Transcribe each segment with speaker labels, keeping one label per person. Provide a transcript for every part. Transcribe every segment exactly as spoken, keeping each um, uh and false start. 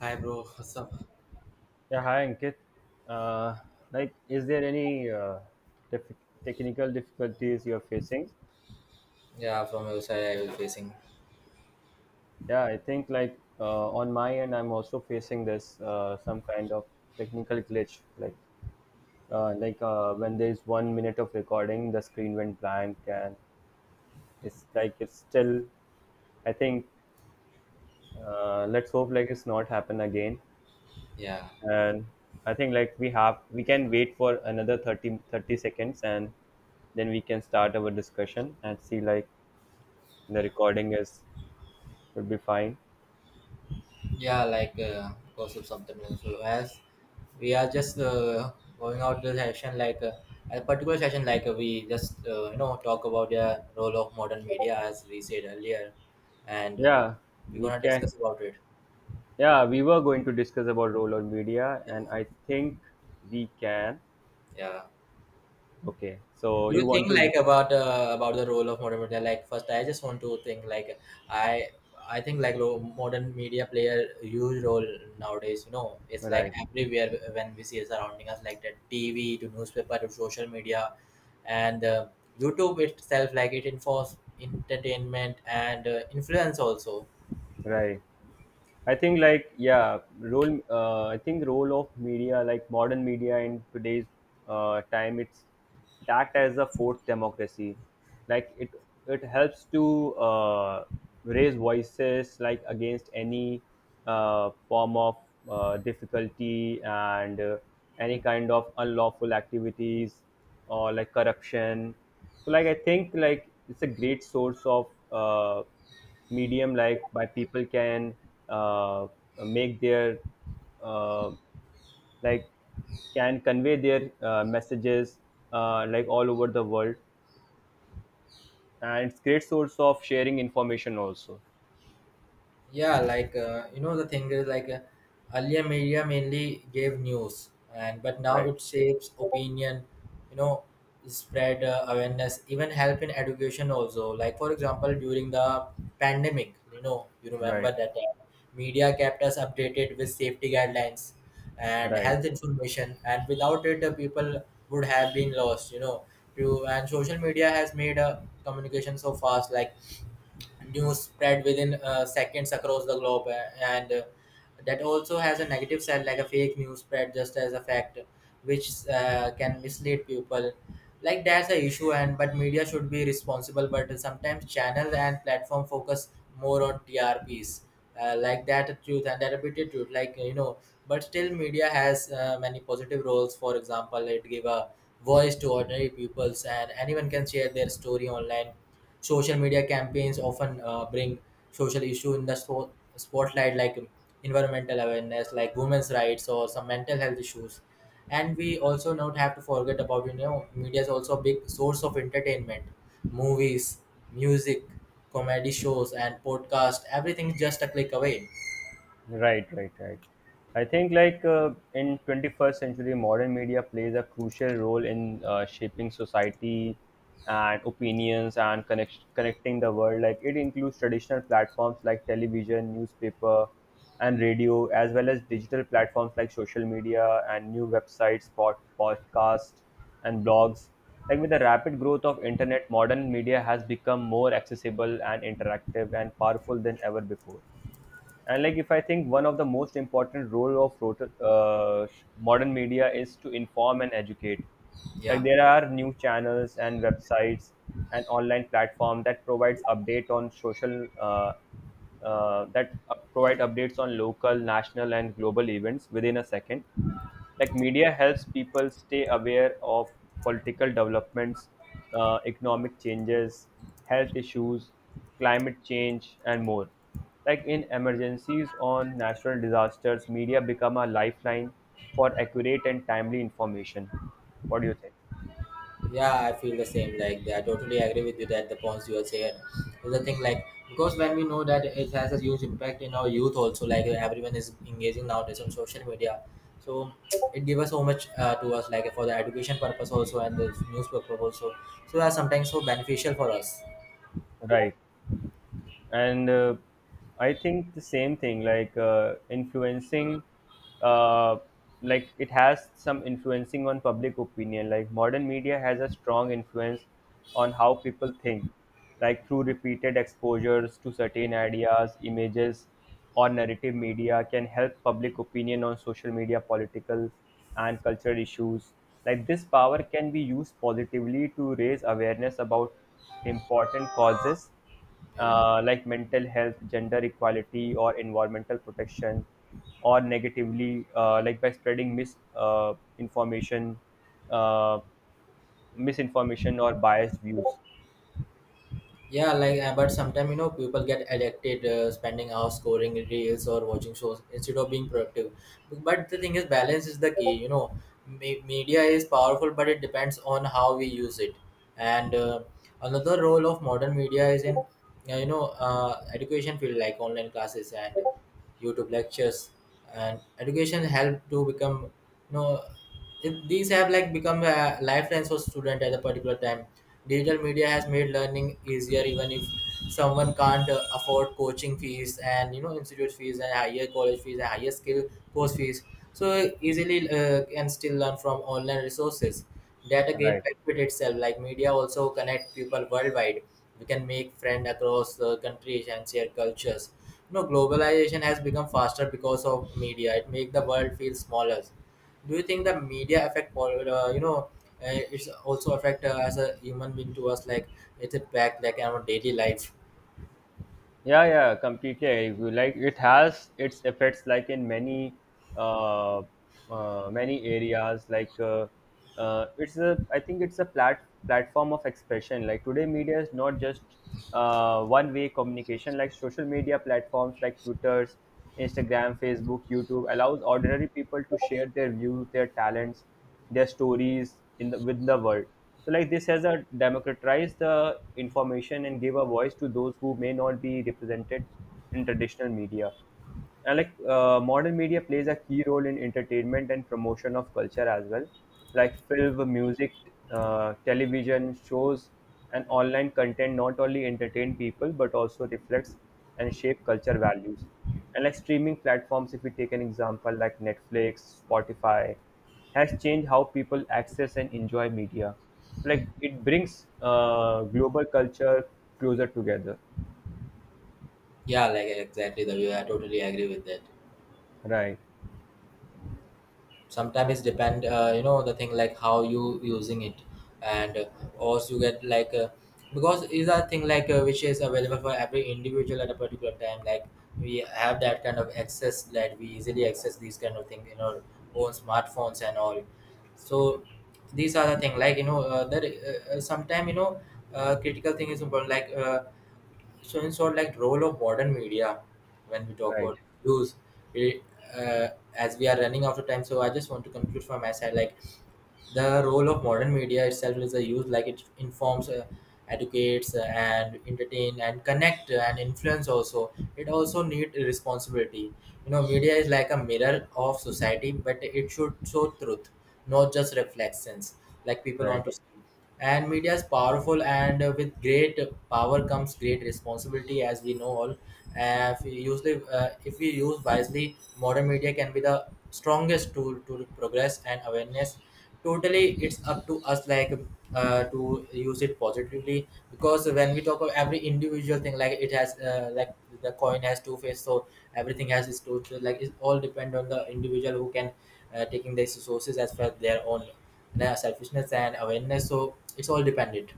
Speaker 1: Hi bro, what's up?
Speaker 2: Yeah, hi Ankit. Uh, like, is there any uh, dif- technical difficulties you're facing?
Speaker 1: Yeah, from your side, I will facing.
Speaker 2: Yeah, I think like uh, on my end, I'm also facing this uh, some kind of technical glitch. Like, uh, like uh, when there's one minute of recording, the screen went blank, and it's like it's still. I think uh, let's hope like it's not happen again.
Speaker 1: Yeah,
Speaker 2: And I think like we have we can wait for another thirty thirty seconds, and then we can start our discussion and see like the recording is would be fine.
Speaker 1: yeah, like uh, gossip something. So As we are just uh, going out the session, like uh, a particular session, like uh, we just uh, you know talk about the role of modern media as we said earlier, and
Speaker 2: Yeah,
Speaker 1: we're
Speaker 2: we
Speaker 1: gonna
Speaker 2: can.
Speaker 1: discuss about it.
Speaker 2: Yeah, we were going to discuss about role of media, and
Speaker 1: Yeah,
Speaker 2: I think we can.
Speaker 1: yeah.
Speaker 2: Okay, so
Speaker 1: Do
Speaker 2: you
Speaker 1: you think
Speaker 2: want to.
Speaker 1: like about uh, about the role of modern media? Like first I just want to think like I i think like lo- modern media play a huge role nowadays, you know, it's like
Speaker 2: Right,
Speaker 1: everywhere when we see it surrounding us, like the T V to newspaper to social media, and uh, YouTube itself, like it enforce entertainment and uh, influence also.
Speaker 2: right. I think like yeah, role. Uh, I think role of media, like modern media in today's uh, time, it's it act as a fourth democracy. Like it, it helps to uh, raise voices like against any uh, form of uh, difficulty and uh, any kind of unlawful activities or like corruption. So like I think like it's a great source of uh, medium like by people can uh, make their uh, like can convey their uh, messages uh, like all over the world, and it's great source of sharing information also.
Speaker 1: Yeah, like uh, you know, the thing is like uh, earlier media mainly gave news, and but now
Speaker 2: Right,
Speaker 1: it shapes opinion. You know, spread uh, awareness, even help in education also. Like for example, during the pandemic, you know, you remember
Speaker 2: right,
Speaker 1: that uh, media kept us updated with safety guidelines and
Speaker 2: right.
Speaker 1: health information, and without it, the people would have been lost. You know, to and social media has made uh, communication so fast, like news spread within uh, seconds across the globe uh, and uh, that also has a negative side, like a fake news spread just as a fact, which uh, can mislead people. Like that's the issue, and but media should be responsible, but sometimes channels and platform focus more on T R P s, uh, like that truth and that repeated truth, like you know. But still media has uh, many positive roles. For example, it give a voice to ordinary peoples, and anyone can share their story online. Social media campaigns often uh, bring social issue in the so- spotlight, like environmental awareness, like women's rights or some mental health issues. And we also not have to forget about, you know, media is also a big source of entertainment. Movies, music, comedy shows and podcast, everything is just a click away.
Speaker 2: Right, right, right. I think like uh, in twenty-first century, modern media plays a crucial role in uh, shaping society and opinions and connect- connecting the world. Like it includes traditional platforms like television, newspaper, and radio, as well as digital platforms like social media and new websites, pod- podcasts, and blogs. Like with the rapid growth of internet, modern media has become more accessible and interactive and powerful than ever before. And like if I think one of the most important role of rota- uh, modern media is to inform and educate. Like
Speaker 1: Yeah.
Speaker 2: there are new channels and websites and online platform that provides update on social uh, uh, that up- provide updates on local, national, and global events within a second. Like media helps people stay aware of political developments, uh, economic changes, health issues, climate change, and more. Like in emergencies on natural disasters, media become a lifeline for accurate and timely information. What do you think?
Speaker 1: Yeah, I feel the same. Like I totally agree with you that the points you are saying. The thing like because when we know that it has a huge impact in our youth also, like everyone is engaging nowadays on social media, so it gives us so much uh, to us, like for the education purpose also and the news purpose also. So that's sometimes so beneficial for us.
Speaker 2: Right. And uh, I think the same thing like uh, influencing, uh, like it has some influencing on public opinion. Like modern media has a strong influence on how people think. Like through repeated exposures to certain ideas, images, or narrative, media can help public opinion on social media, political, and cultural issues. Like this power can be used positively to raise awareness about important causes,
Speaker 1: Yeah.
Speaker 2: uh, like mental health, gender equality, or environmental protection, or negatively, uh, like by spreading mis uh, information, uh, misinformation, or biased views.
Speaker 1: Yeah, like uh, but sometimes you know people get addicted, uh, spending hours scoring reels or watching shows instead of being productive. But the thing is, balance is the key. You know, Me- media is powerful, but it depends on how we use it. And uh, another role of modern media is in uh, you know uh, education field, like online classes and YouTube lectures. And education help to become, you know, if these have like become a lifelines for student at a particular time. Digital media has made learning easier, even if someone can't uh, afford coaching fees and you know institute fees and higher college fees and higher skill course fees. So easily uh, can still learn from online resources. That again
Speaker 2: Right.
Speaker 1: benefit itself. Like media also connect people worldwide. We can make friends across uh, countries and share cultures. You know, globalization has become faster because of media. It make the world feel smaller. Do you think the media affect pol- uh, you know, uh, it's also affect uh, as a human being to us, like it's a back like our daily life?
Speaker 2: Yeah, yeah, completely I agree. Like it has its effects, like in many, uh, uh, many areas. Like uh, uh, it's a, I think it's a plat platform of expression. Like today, media is not just uh, one-way communication. Like social media platforms, like Twitter's, Instagram, Facebook, YouTube, allows ordinary people to share their views, their talents, their stories in the with the world. So like this has a democratized the information and gave a voice to those who may not be represented in traditional media. And like uh, modern media plays a key role in entertainment and promotion of culture as well. Like film, music, uh, television shows, and online content not only entertain people but also reflects and shape culture values. And like streaming platforms, if we take an example like Netflix, Spotify, has changed how people access and enjoy media. Like it brings uh, global culture closer together.
Speaker 1: Yeah, like exactly that. Yeah, I totally agree with that.
Speaker 2: Right,
Speaker 1: Sometimes it's depend, uh, you know, the thing like how you using it. And uh, also you get like uh, because is a thing like uh, which is available for every individual at a particular time, like we have that kind of access that we easily access these kind of things in our own smartphones and all. So these are the thing, like you know, uh, that uh, uh, sometime you know, uh, critical thing is important, like uh, so in so, like role of modern media when we talk
Speaker 2: right,
Speaker 1: about news, we, uh, as we are running out of time, so I just want to conclude from my side, like the role of modern media itself is a use. Like it informs, uh, educates, uh, and entertain and connect, uh, and influence also. It also need responsibility. You know, media is like a mirror of society, but it should show truth, not just reflections like people want
Speaker 2: right.
Speaker 1: to see. And media is powerful, and uh, with great power comes great responsibility, as we know all. Uh, if we usually, uh, if we use wisely, modern media can be the strongest tool to progress and awareness. Totally it's up to us, like uh, to use it positively, because when we talk of every individual thing, like it has uh, like the coin has two faces. So everything has its two, like it all depend on the individual who can uh, taking these resources as per their own, no, selfishness and awareness. So it's all dependent.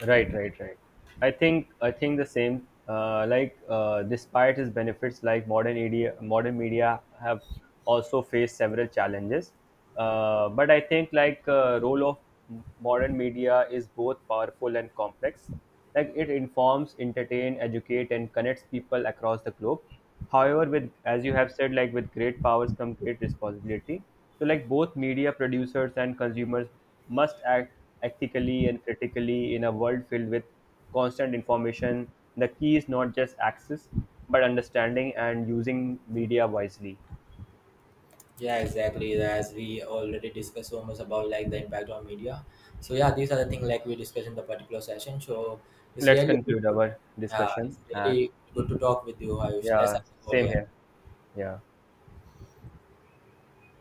Speaker 2: Right, right, right. I think I think the same. Uh, like uh, despite its benefits, like modern media, modern media have also faced several challenges. Uh, but I think like uh, role of m- modern media is both powerful and complex. Like it informs, entertain, educate, and connects people across the globe. However, with as you have said, like with great powers come great responsibility. So like both media producers and consumers must act ethically and critically in a world filled with constant information. The key is not just access, but understanding and using media wisely.
Speaker 1: Yeah, exactly. As we already discussed so much about like the impact on media. So yeah, these are the things like we discussed in the particular session. So it's
Speaker 2: Let's
Speaker 1: really good
Speaker 2: conclude
Speaker 1: to,
Speaker 2: our
Speaker 1: uh, it's
Speaker 2: discussion. And
Speaker 1: really good to talk with you, Ayush. Let's have
Speaker 2: yeah,
Speaker 1: the call
Speaker 2: same
Speaker 1: here.
Speaker 2: here. Yeah.